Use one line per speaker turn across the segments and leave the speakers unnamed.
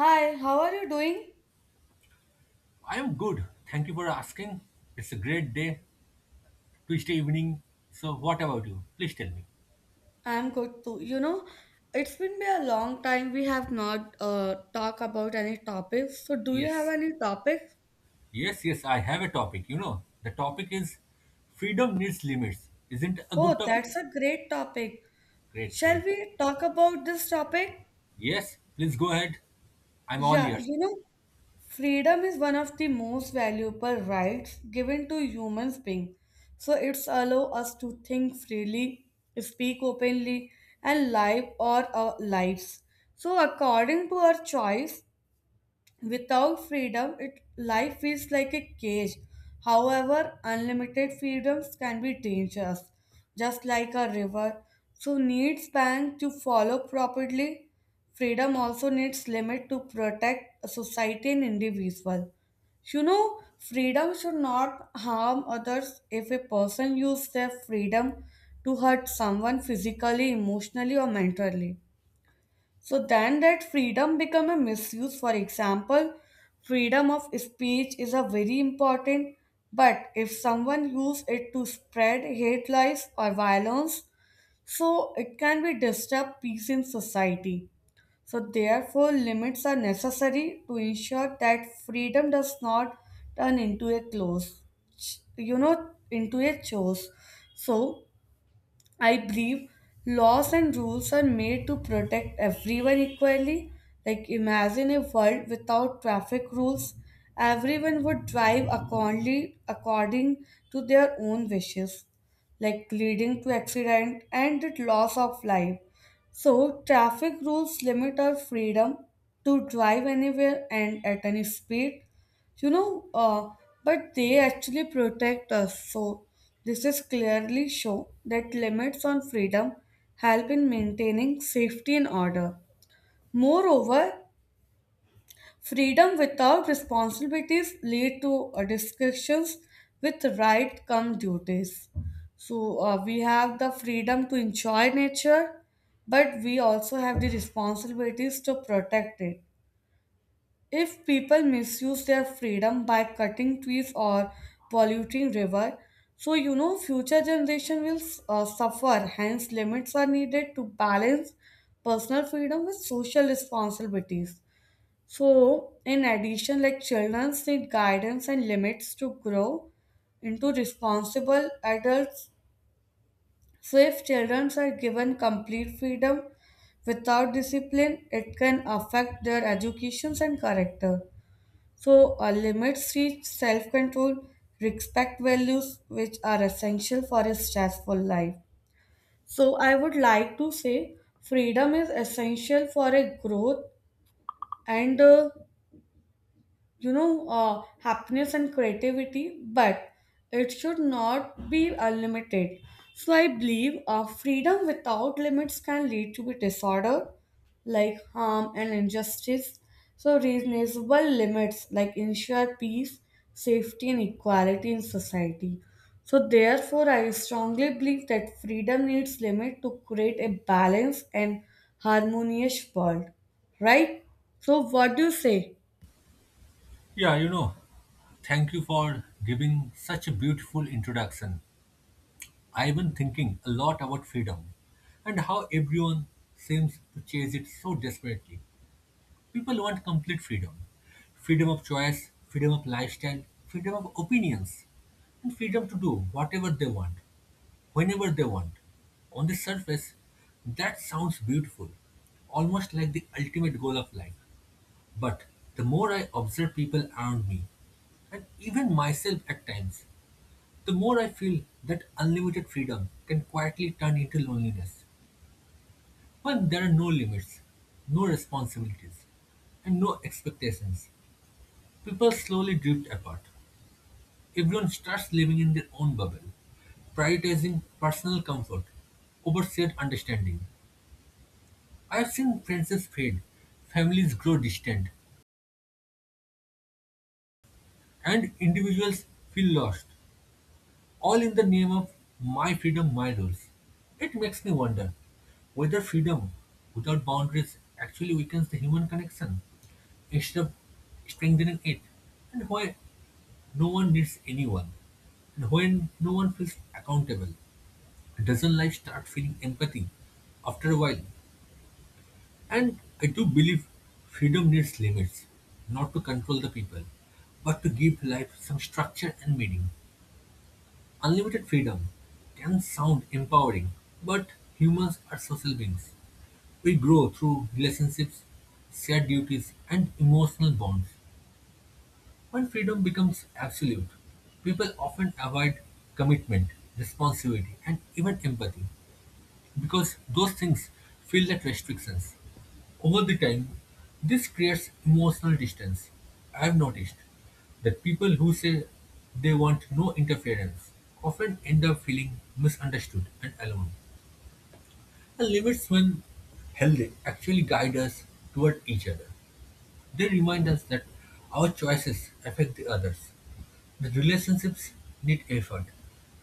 Hi, how are you doing?
I am good. Thank you for asking. It's a great day, Tuesday evening. So, what about you? Please tell me.
I'm good too. You know, it's been be a long time we have not talked about any topics. So do you have
Yes.
any topic?
Yes, yes, I have a topic. You know, the topic is freedom needs limits. Isn't it a good
Oh,
topic?
that's a great topic.
Great,
Shall
great.
we talk about this topic?
Yes, please go ahead. I'm all
Yeah,
ears.
you know, freedom is one of the most valuable rights given to humans being. So it's allow us to think freely, speak openly, and live our lives. So according to our choice, without freedom, it life feels like a cage. However, unlimited freedoms can be dangerous, just like a river. So needs bank to follow properly. Freedom also needs limit to protect society and individual. You know, freedom should not harm others if a person uses their freedom to hurt someone physically, emotionally, or mentally. So then that freedom become a misuse. For example, freedom of speech is a very important, but if someone use it to spread hate lies or violence, so it can be disturb peace in society. So therefore limits are necessary to ensure that freedom does not turn into a close, into a chose. So I believe laws and rules are made to protect everyone equally. Like, imagine a world without traffic rules. Everyone would drive accordingly, according to their own wishes, like leading to accident and the loss of life. So, traffic rules limit our freedom to drive anywhere and at any speed, you know, uh, but they actually protect us. So this is clearly show that limits on freedom help in maintaining safety and order. Moreover, freedom without responsibilities lead to discussions with right come duties. So we have the freedom to enjoy nature, but we also have the responsibilities to protect it. If people misuse their freedom by cutting trees or polluting river, so you know future generation will suffer. Hence, limits are needed to balance personal freedom with social responsibilities. So, in addition, like children need guidance and limits to grow into responsible adults. So, if children are given complete freedom without discipline, it can affect their educations and character. So, limits reach self control, respect values which are essential for a stressful life. So, I would like to say freedom is essential for a growth and happiness and creativity, but it should not be unlimited. So I believe freedom without limits can lead to be disorder, like harm and injustice. So reasonable limits like ensure peace, safety and equality in society. So therefore I strongly believe that freedom needs limit to create a balanced and harmonious world, right? So what do you say?
Yeah, thank you for giving such a beautiful introduction. I've been thinking a lot about freedom and how everyone seems to chase it so desperately. People want complete freedom, of choice, freedom of lifestyle, freedom of opinions, and freedom to do whatever they want, whenever they want. On the surface, that sounds beautiful, almost like the ultimate goal of life. But the more I observe people around me, and even myself at times, the more I feel that unlimited freedom can quietly turn into loneliness when there are no limits, no responsibilities, and no expectations. People slowly drift apart. Everyone starts living in their own bubble, prioritizing personal comfort over shared understanding. I have seen friendships fade, families grow distant, and individuals feel lost, all in the name of my freedom, my rules. It makes me wonder whether freedom without boundaries actually weakens the human connection instead of strengthening it, and why no one needs anyone, and when no one feels accountable, doesn't life start feeling empathy after a while? And I do believe freedom needs limits, not to control the people, but to give life some structure and meaning. Unlimited freedom can sound empowering, but humans are social beings. We grow through relationships, shared duties, and emotional bonds. When freedom becomes absolute, people often avoid commitment, responsibility, and even empathy because those things feel like restrictions. Over the time, this creates emotional distance. I have noticed that people who say they want no interference often end up feeling misunderstood and alone. And limits, when healthy, actually guide us toward each other. They remind us that our choices affect the others, that relationships need effort,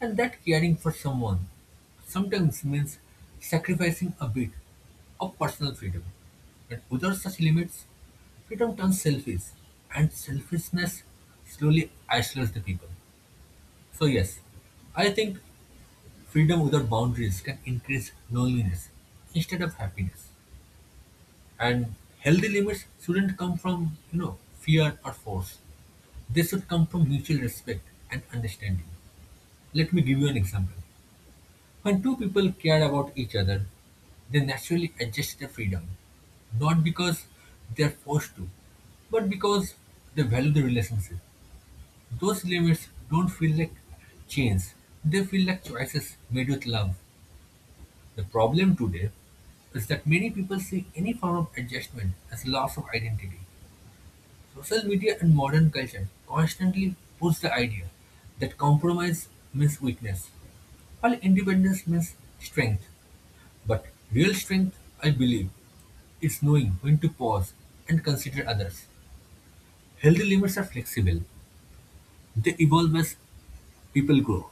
and that caring for someone sometimes means sacrificing a bit of personal freedom. And without such limits, freedom turns selfish, and selfishness slowly isolates the people. So, yes, I think freedom without boundaries can increase loneliness instead of happiness. And healthy limits shouldn't come from, fear or force. They should come from mutual respect and understanding. Let me give you an example. When two people care about each other, they naturally adjust their freedom, not because they're forced to, but because they value the relationship. Those limits don't feel like chains, they feel like choices made with love. The problem today is that many people see any form of adjustment as loss of identity. Social media and modern culture constantly push the idea that compromise means weakness, while independence means strength. But real strength, I believe, is knowing when to pause and consider others. Healthy limits are flexible, they evolve as people grow.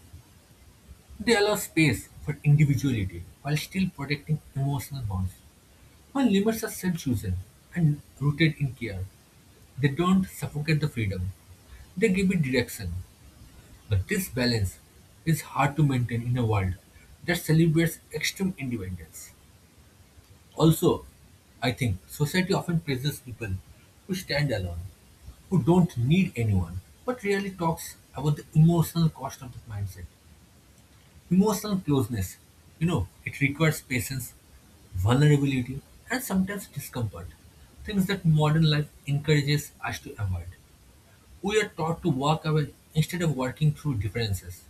They allow space for individuality while still protecting emotional bonds. When limits are self chosen and rooted in care, they don't suffocate the freedom, they give it direction. But this balance is hard to maintain in a world that celebrates extreme independence. Also, I think society often praises people who stand alone, who don't need anyone, but really talks about the emotional cost of that mindset. Emotional closeness, it requires patience, vulnerability, and sometimes discomfort. Things that modern life encourages us to avoid. We are taught to walk away instead of working through differences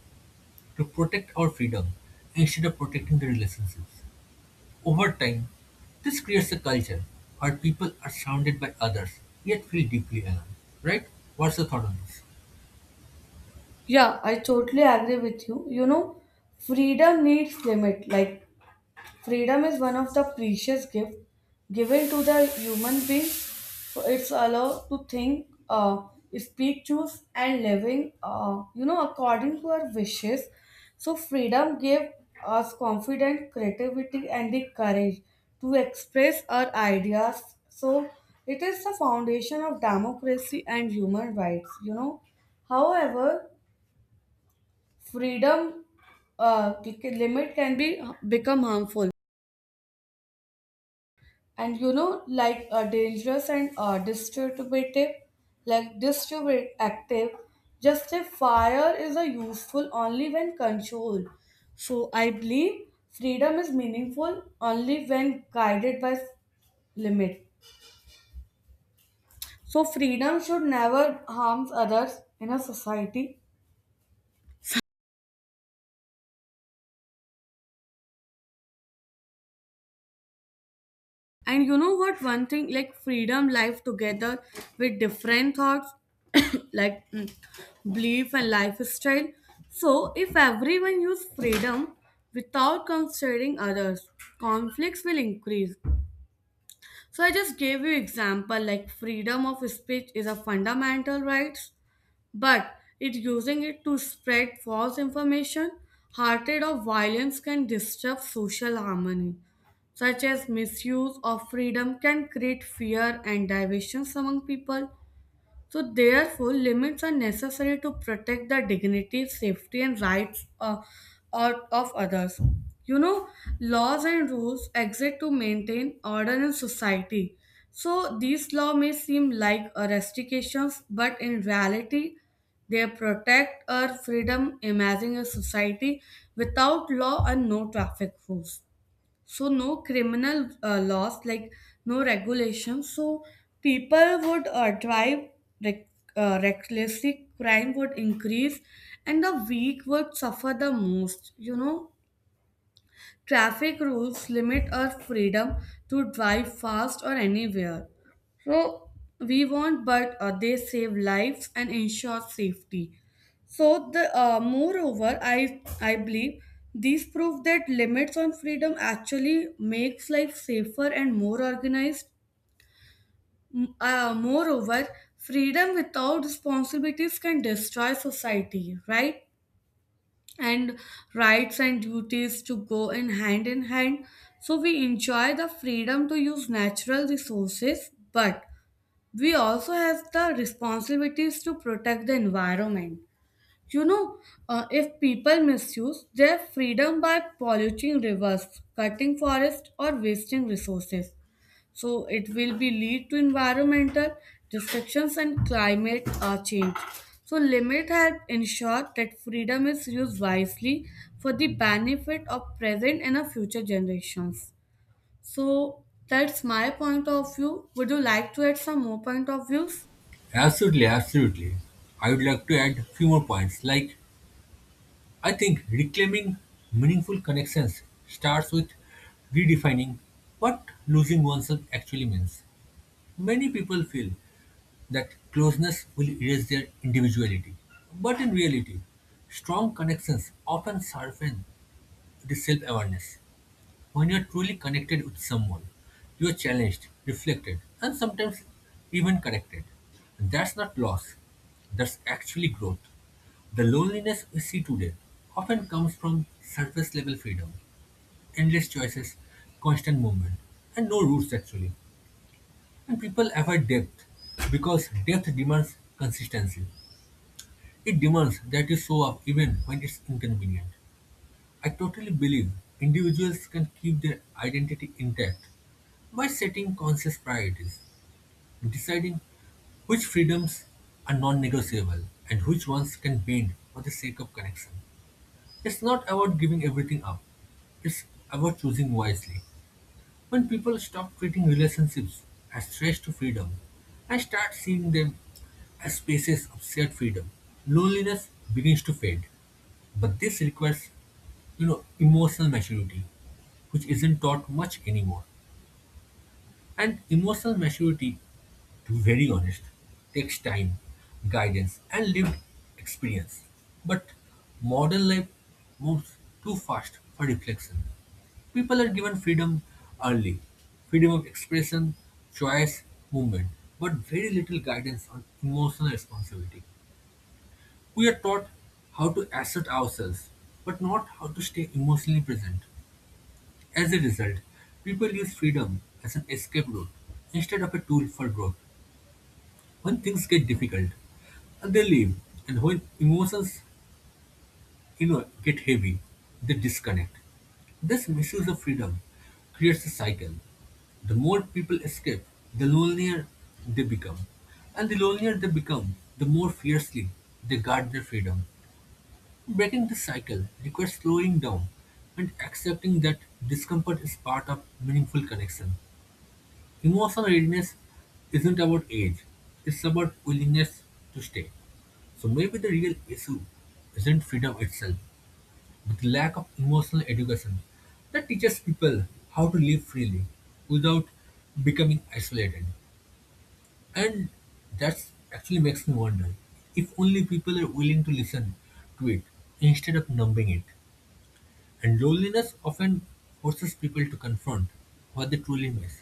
to protect our freedom instead of protecting the relationships. Over time, this creates a culture where people are surrounded by others yet feel deeply alone. Right? What's your thought on this?
Yeah, I totally agree with you. You know, freedom needs limit. Like freedom is one of the precious gift given to the human being. So it's allowed to think, speak, choose, and living. You know, according to our wishes. So freedom gave us confidence, creativity, and the courage to express our ideas. So it is the foundation of democracy and human rights. You know, however freedom limit can be become harmful and you know like dangerous and distributive, like distributive, just a fire is a useful only when controlled. So I believe freedom is meaningful only when guided by limit. So freedom should never harm others in a society. And you know what? One thing like freedom life together with different thoughts, like belief and lifestyle. So, if everyone use freedom without considering others, conflicts will increase. So I just gave you example, like freedom of speech is a fundamental rights, but it using it to spread false information, hatred or violence can disrupt social harmony, such as misuse of freedom can create fear and divisions among people. So, therefore, limits are necessary to protect the dignity, safety, and rights of others. You know, laws and rules exist to maintain order in society. So, these laws may seem like restrictions, but in reality, they protect our freedom. Imagine a society without law and no traffic rules, so no criminal laws, like no regulations, so people would drive rec- recklessly, crime would increase and the weak would suffer the most, you know. Traffic rules limit our freedom to drive fast or anywhere. So we want, but they save lives and ensure safety. So the moreover, I believe these prove that limits on freedom actually makes life safer and more organized. Moreover, freedom without responsibilities can destroy society, right? And rights and duties to go in hand in hand. So we enjoy the freedom to use natural resources, but we also have the responsibilities to protect the environment. You know, if people misuse their freedom by polluting rivers, cutting forests, or wasting resources, so it will be lead to environmental destructions and climate change. So limit help ensure that freedom is used wisely for the benefit of present and of future generations. So that's my point of view. Would you like to add some more point of views?
Absolutely, absolutely. I would like to add a few more points. Like, I think reclaiming meaningful connections starts with redefining what losing oneself actually means. Many people feel that closeness will erase their individuality. But in reality, strong connections often sharpen the self awareness. When you're truly connected with someone, you're challenged, reflected, and sometimes even corrected. That's not loss, that's actually growth. The loneliness we see today often comes from surface level freedom, endless choices, constant movement, and no roots actually. And people avoid depth because depth demands consistency. It demands that you show up even when it's inconvenient. I totally believe individuals can keep their identity intact by setting conscious priorities, deciding which freedoms are non negotiable and which ones can bend for the sake of connection. It's not about giving everything up, it's about choosing wisely. When people stop treating relationships as threats to freedom and start seeing them as spaces of shared freedom, loneliness begins to fade. But this requires, emotional maturity, which isn't taught much anymore. And emotional maturity, to be very honest, takes time, guidance, and lived experience. But modern life moves too fast for reflection. People are given freedom early, freedom of expression, choice, movement, but very little guidance on emotional responsibility. We are taught how to assert ourselves, but not how to stay emotionally present. As a result, people use freedom as an escape route instead of a tool for growth. When things get difficult, they leave, and when emotions, get heavy, they disconnect. This misuse of freedom creates a cycle. The more people escape, the lonelier they become. And the lonelier they become, the more fiercely they guard their freedom. Breaking this cycle requires slowing down and accepting that discomfort is part of meaningful connection. Emotional readiness isn't about age, it's about willingness to stay. So maybe the real issue isn't freedom itself, but lack of emotional education that teaches people how to live freely without becoming isolated. And that's actually makes me wonder if only people are willing to listen to it instead of numbing it. And loneliness often forces people to confront what they truly miss.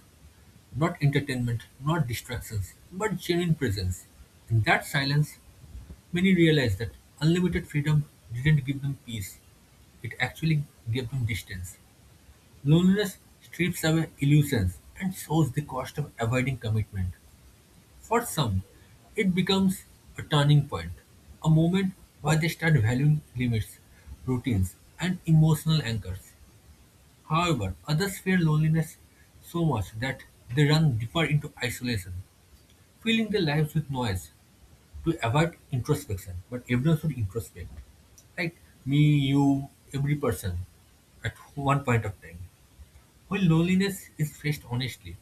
Not entertainment, not distractions, but genuine presence. In that silence, many realize that unlimited freedom didn't give them peace. It actually gave them distance. Loneliness strips away illusions and shows the cost of avoiding commitment. For some, it becomes a turning point, a moment where they start valuing limits, routines, and emotional anchors. However, others fear loneliness so much that they run deeper into isolation, filling their lives with noise to avoid introspection. But everyone should introspect. Like me, you, every person at one point of time. When loneliness is faced honestly,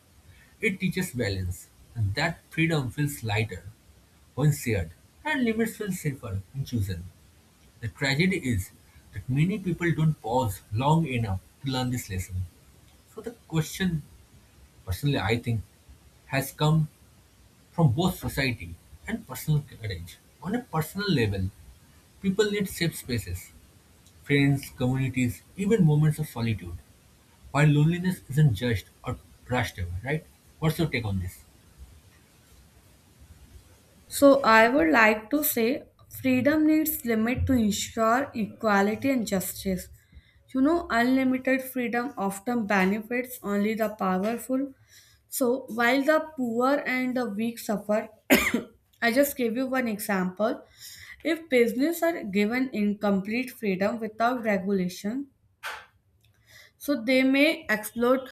it teaches balance, and that freedom feels lighter when shared, and limits feel safer when chosen. The tragedy is that many people don't pause long enough to learn this lesson. So the question, personally, I think, has come from both society and personal courage. On a personal level, people need safe spaces, friends, communities, even moments of solitude. While loneliness isn't judged or brushed away, right? What's your take on this?
So I would like to say freedom needs limit to ensure equality and justice. You know, unlimited freedom often benefits only the powerful. So while the poor and the weak suffer, I just gave you one example. If business are given incomplete freedom without regulation, so they may exploit,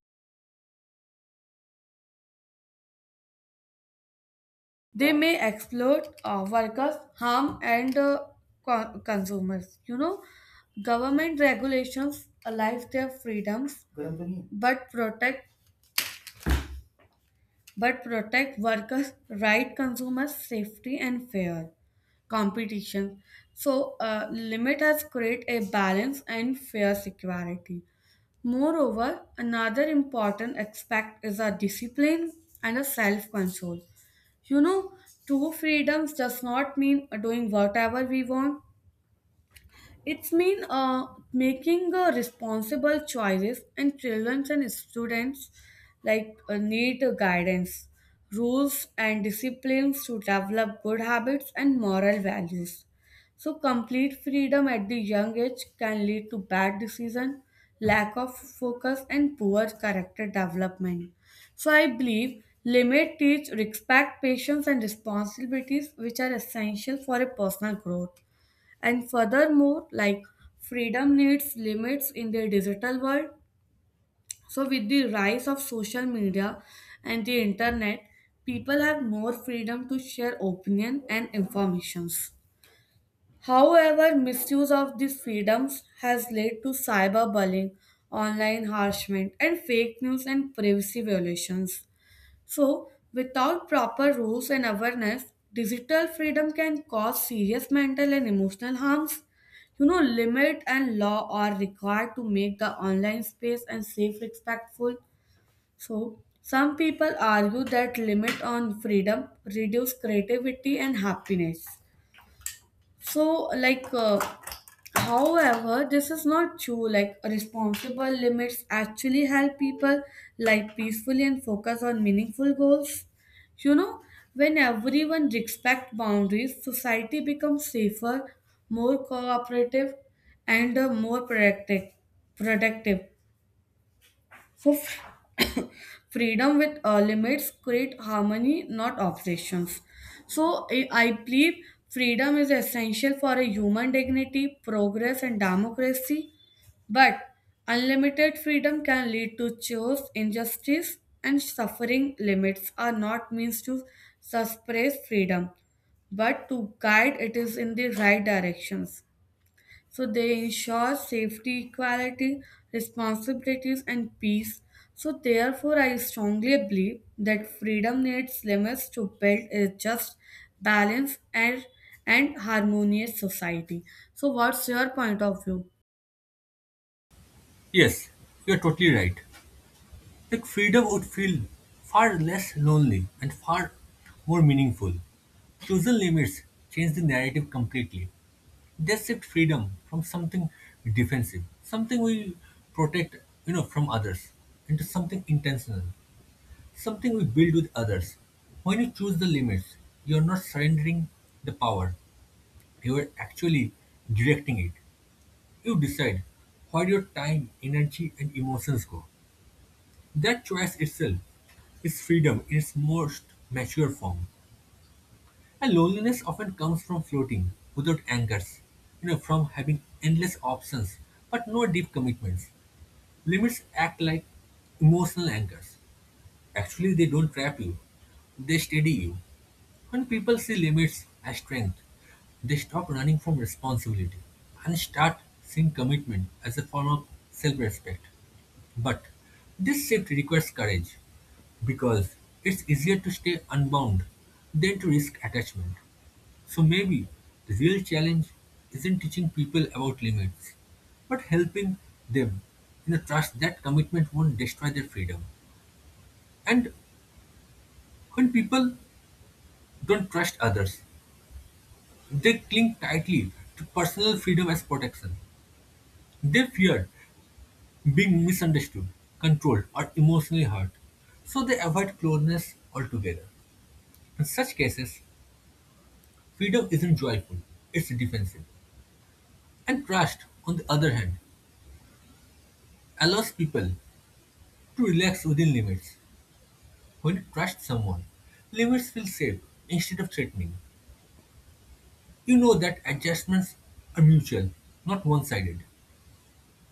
they may exploit workers, harm and consumers. You know, government regulations allow their freedoms, but protect, but protect workers' right, consumers' safety and fair competition. So, limit has create a balance and fair security. Moreover, another important aspect is a discipline and a self control. You know, true freedoms does not mean doing whatever we want. It's mean making responsible choices, and children and students like need guidance, rules and disciplines to develop good habits and moral values. So complete freedom at the young age can lead to bad decision, lack of focus and poor character development. So I believe limit teach respect patience and responsibilities which are essential for a personal growth. And furthermore, like freedom needs limits in the digital world. So, with the rise of social media and the internet, people have more freedom to share opinion and informations. However, misuse of these freedoms has led to cyberbullying, online harassment, and fake news and privacy violations. So, without proper rules and awareness, digital freedom can cause serious mental and emotional harms. You know, limit and law are required to make the online space and safe respectful. So, some people argue that limit on freedom reduce creativity and happiness. So, however, this is not true. Like responsible limits actually help people live peacefully and focus on meaningful goals. You know, when everyone respects boundaries, society becomes safer, more cooperative, and more productive. For f- Freedom with limits create harmony, not obsessions. So I believe freedom is essential for a human dignity, progress, and democracy. But unlimited freedom can lead to chaos, injustice, and suffering. Limits are not means to suppress freedom, but to guide it is in the right directions. So they ensure safety, equality, responsibilities, and peace. So therefore, I strongly believe that freedom needs limits to build a just, balanced, and harmonious society. So what's your point of view?
Yes, you're totally right. Like freedom would feel far less lonely and far more meaningful. Chosen limits change the narrative completely. They shift freedom from something defensive, something we protect, from others, into something intentional, something we build with others. When you choose the limits, you're not surrendering the power. You are actually directing it. You decide where your time, energy, and emotions go. That choice itself is freedom in its most mature form. And loneliness often comes from floating without anchors, from having endless options but no deep commitments. Limits act like emotional anchors. Actually, they don't trap you, they steady you. When people see limits as strength, they stop running from responsibility and start seeing commitment as a form of self respect. But this shift requires courage because it's easier to stay unbound than to risk attachment. So maybe the real challenge isn't teaching people about limits, but helping them in the trust that commitment won't destroy their freedom. And when people don't trust others, they cling tightly to personal freedom as protection. They fear being misunderstood, controlled, or emotionally hurt, so they avoid closeness altogether. In such cases, freedom isn't joyful, it's defensive. And trust, on the other hand, allows people to relax within limits. When you trust someone, limits feel safe instead of threatening. You know that adjustments are mutual, not one sided,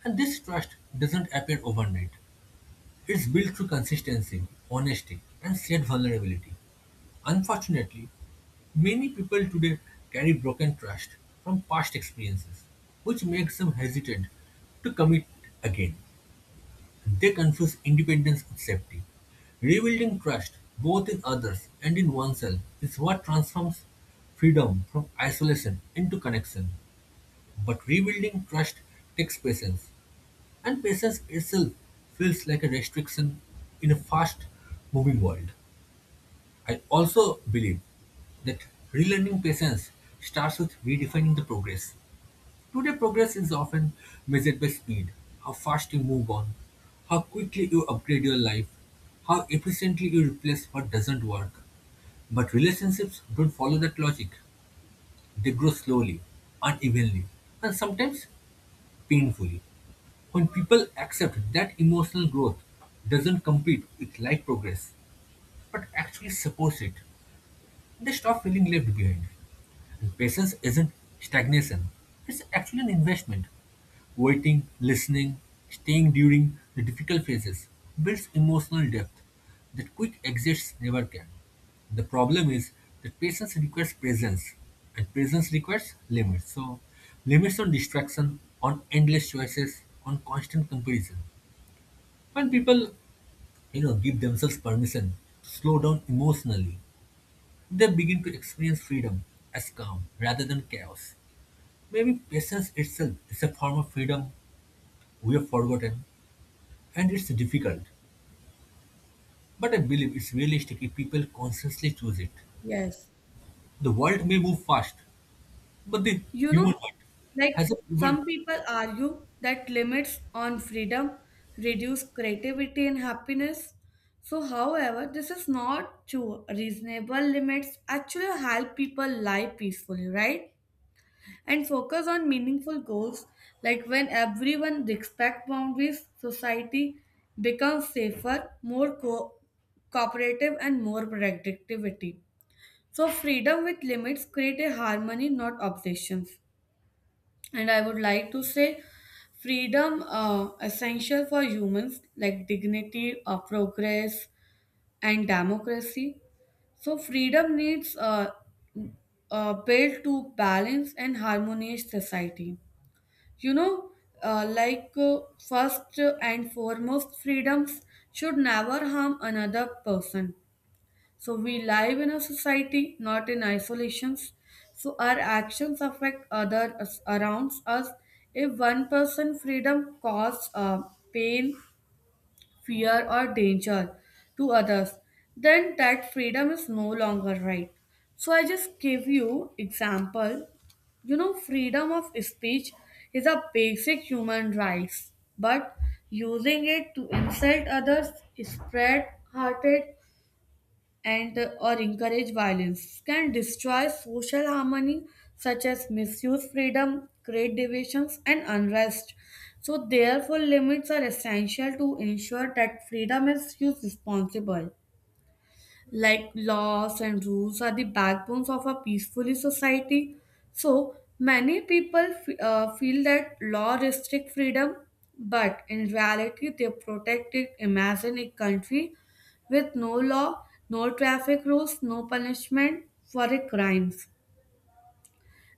and this trust doesn't appear overnight. It's built through consistency, honesty, and shared vulnerability. Unfortunately, many people today carry broken trust from past experiences, which makes them hesitant to commit again. They confuse independence with safety. Rebuilding trust, both in others and in oneself, is what transforms freedom from isolation into connection. But rebuilding trust takes patience, and patience itself feels like a restriction in a fast moving world. I also believe that relearning patience starts with redefining the progress. Today, progress is often measured by speed, how fast you move on, how quickly you upgrade your life, how efficiently you replace what doesn't work. But relationships don't follow that logic. They grow slowly, unevenly, and sometimes painfully. When people accept that emotional growth doesn't compete with life progress, but actually supports it, they stop feeling left behind. And patience isn't stagnation, it's actually an investment. Waiting, listening, staying during the difficult phases builds emotional depth that quick exits never can. The problem is that patience requires presence, and presence requires limits. So, limits on distraction, on endless choices, on constant comparison. When people, give themselves permission to slow down emotionally, they begin to experience freedom as calm rather than chaos. Maybe patience itself is a form of freedom we have forgotten, and it's difficult. But I believe it's realistic if people consciously choose it.
Yes.
The world may move fast, but the
You
human
know,
heart
like
has a ever.
some people argue that limits on freedom reduce creativity and happiness. So, however, this is not true. Reasonable limits actually help people live peacefully, right? And focus on meaningful goals. Like when everyone respects boundaries, society becomes safer, cooperative, and more productivity. So, freedom with limits create a harmony, not obsessions. And I would like to say freedom essential for humans like dignity, progress and democracy. So freedom needs built to balance and harmonious society. you know uh, like uh, First and foremost, freedoms should never harm another person. So we live in a society, not in isolations. So our actions affect others around us. If one person freedom causes pain, fear, or danger to others, then that freedom is no longer right. So I just gave you example. You know, freedom of speech is a basic human right, but using it to insult others, spread hatred, and or encourage violence can destroy social harmony, such as misuse freedom create divisions and unrest. So therefore limits are essential to ensure that freedom is used responsibly, like laws and rules are the backbones of a peaceful society. So many people feel that law restrict freedom, but in reality they protect it. Imagine a country with no law, no traffic rules, no punishment for a crime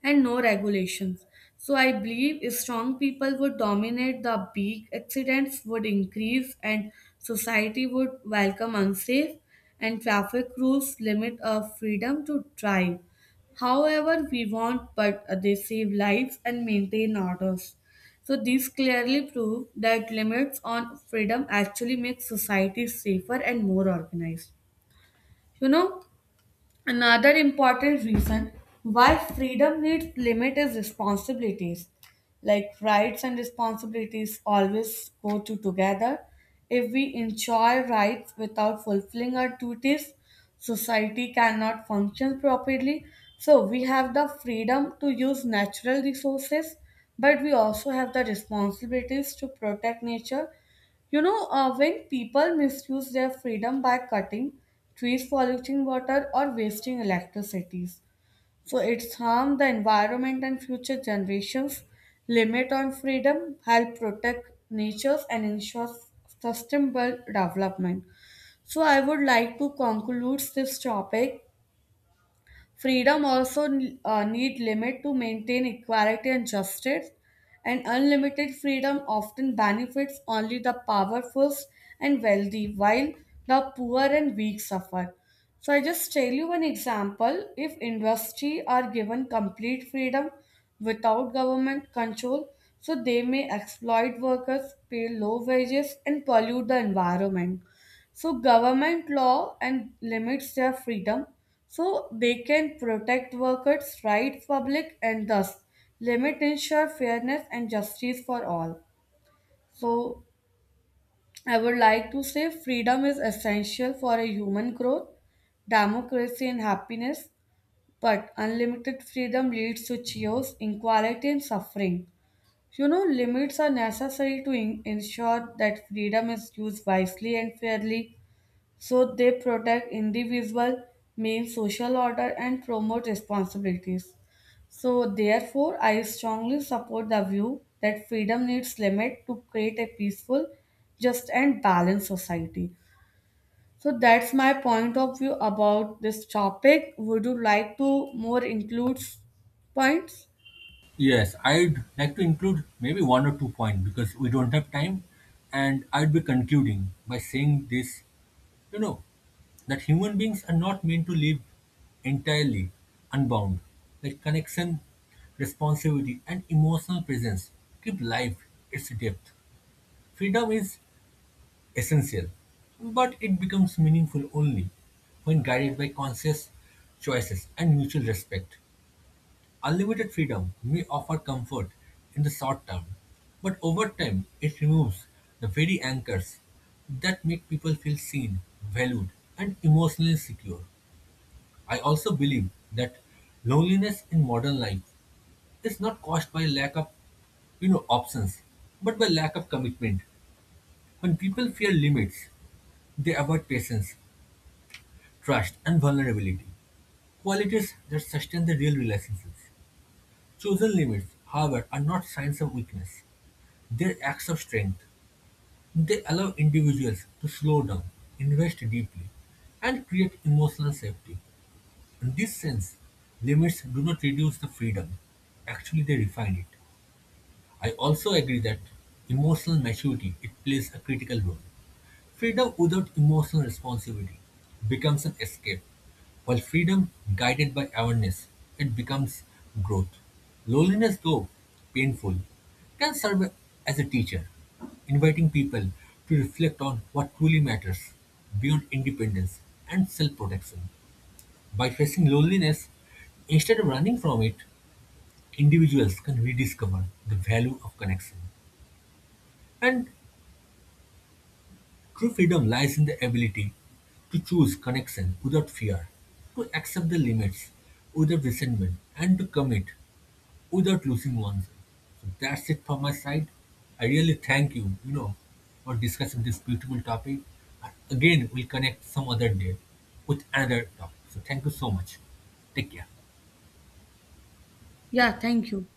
and no regulations. So I believe if strong people would dominate, the big accidents would increase and society would welcome unsafe, and traffic rules limit our freedom to drive. However, we want, but they save lives and maintain orders. So these clearly prove that limits on freedom actually make society safer and more organized. You know, another important reason why freedom needs limit is responsibilities. Like rights and responsibilities always go to together. If we enjoy rights without fulfilling our duties, society cannot function properly. So we have the freedom to use natural resources, but we also have the responsibilities to protect nature. You know, when people misuse their freedom by cutting trees, polluting water, or wasting electricities, so it's harm the environment and future generations. Limit on freedom help protect natures and ensure sustainable development. So I would like to conclude this topic. Freedom also need limit to maintain equality and justice, and unlimited freedom often benefits only the powerful and wealthy, while the poor and weak suffer. So I just tell you one example. If industry are given complete freedom without government control, so they may exploit workers, pay low wages, and pollute the environment. So government law and limits their freedom so they can protect workers' rights public, and thus limit ensure fairness and justice for all. So I would like to say freedom is essential for a human growth, democracy and happiness, but unlimited freedom leads to chaos, inequality and suffering. You know, limits are necessary to ensure that freedom is used wisely and fairly, so they protect individual, main social order and promote responsibilities. So therefore I strongly support the view that freedom needs limit to create a peaceful, just and balanced society. So that's my point of view about this topic. Would you like to more include points?
Yes, I'd like to include maybe one or two points because we don't have time, and I'd be concluding by saying this. You know, that human beings are not meant to live entirely unbound. Like connection, responsibility, and emotional presence give life its depth. Freedom is essential, but it becomes meaningful only when guided by conscious choices and mutual respect. Unlimited freedom may offer comfort in the short term, but over time it removes the very anchors that make people feel seen, valued, and emotionally secure. I also believe that loneliness in modern life is not caused by lack of, options, but by lack of commitment. When people fear limits, they avoid patience, trust, and vulnerability, qualities that sustain the real relationships. Chosen limits, however, are not signs of weakness. Their acts of strength, they allow individuals to slow down, invest deeply, and create emotional safety. In this sense, limits do not reduce the freedom, actually, they refine it. I also agree that emotional maturity it plays a critical role. Freedom without emotional responsibility becomes an escape, while freedom guided by awareness it becomes growth. Loneliness, though painful, can serve as a teacher, inviting people to reflect on what truly matters beyond independence and self-protection. By facing loneliness, instead of running from it, individuals can rediscover the value of connection. And true freedom lies in the ability to choose connection without fear, to accept the limits without resentment, and to commit without losing oneself. So that's it from my side. I really thank you, for discussing this beautiful topic. And again, we'll connect some other day with another topic. So thank you so much. Take care.
Yeah, thank you.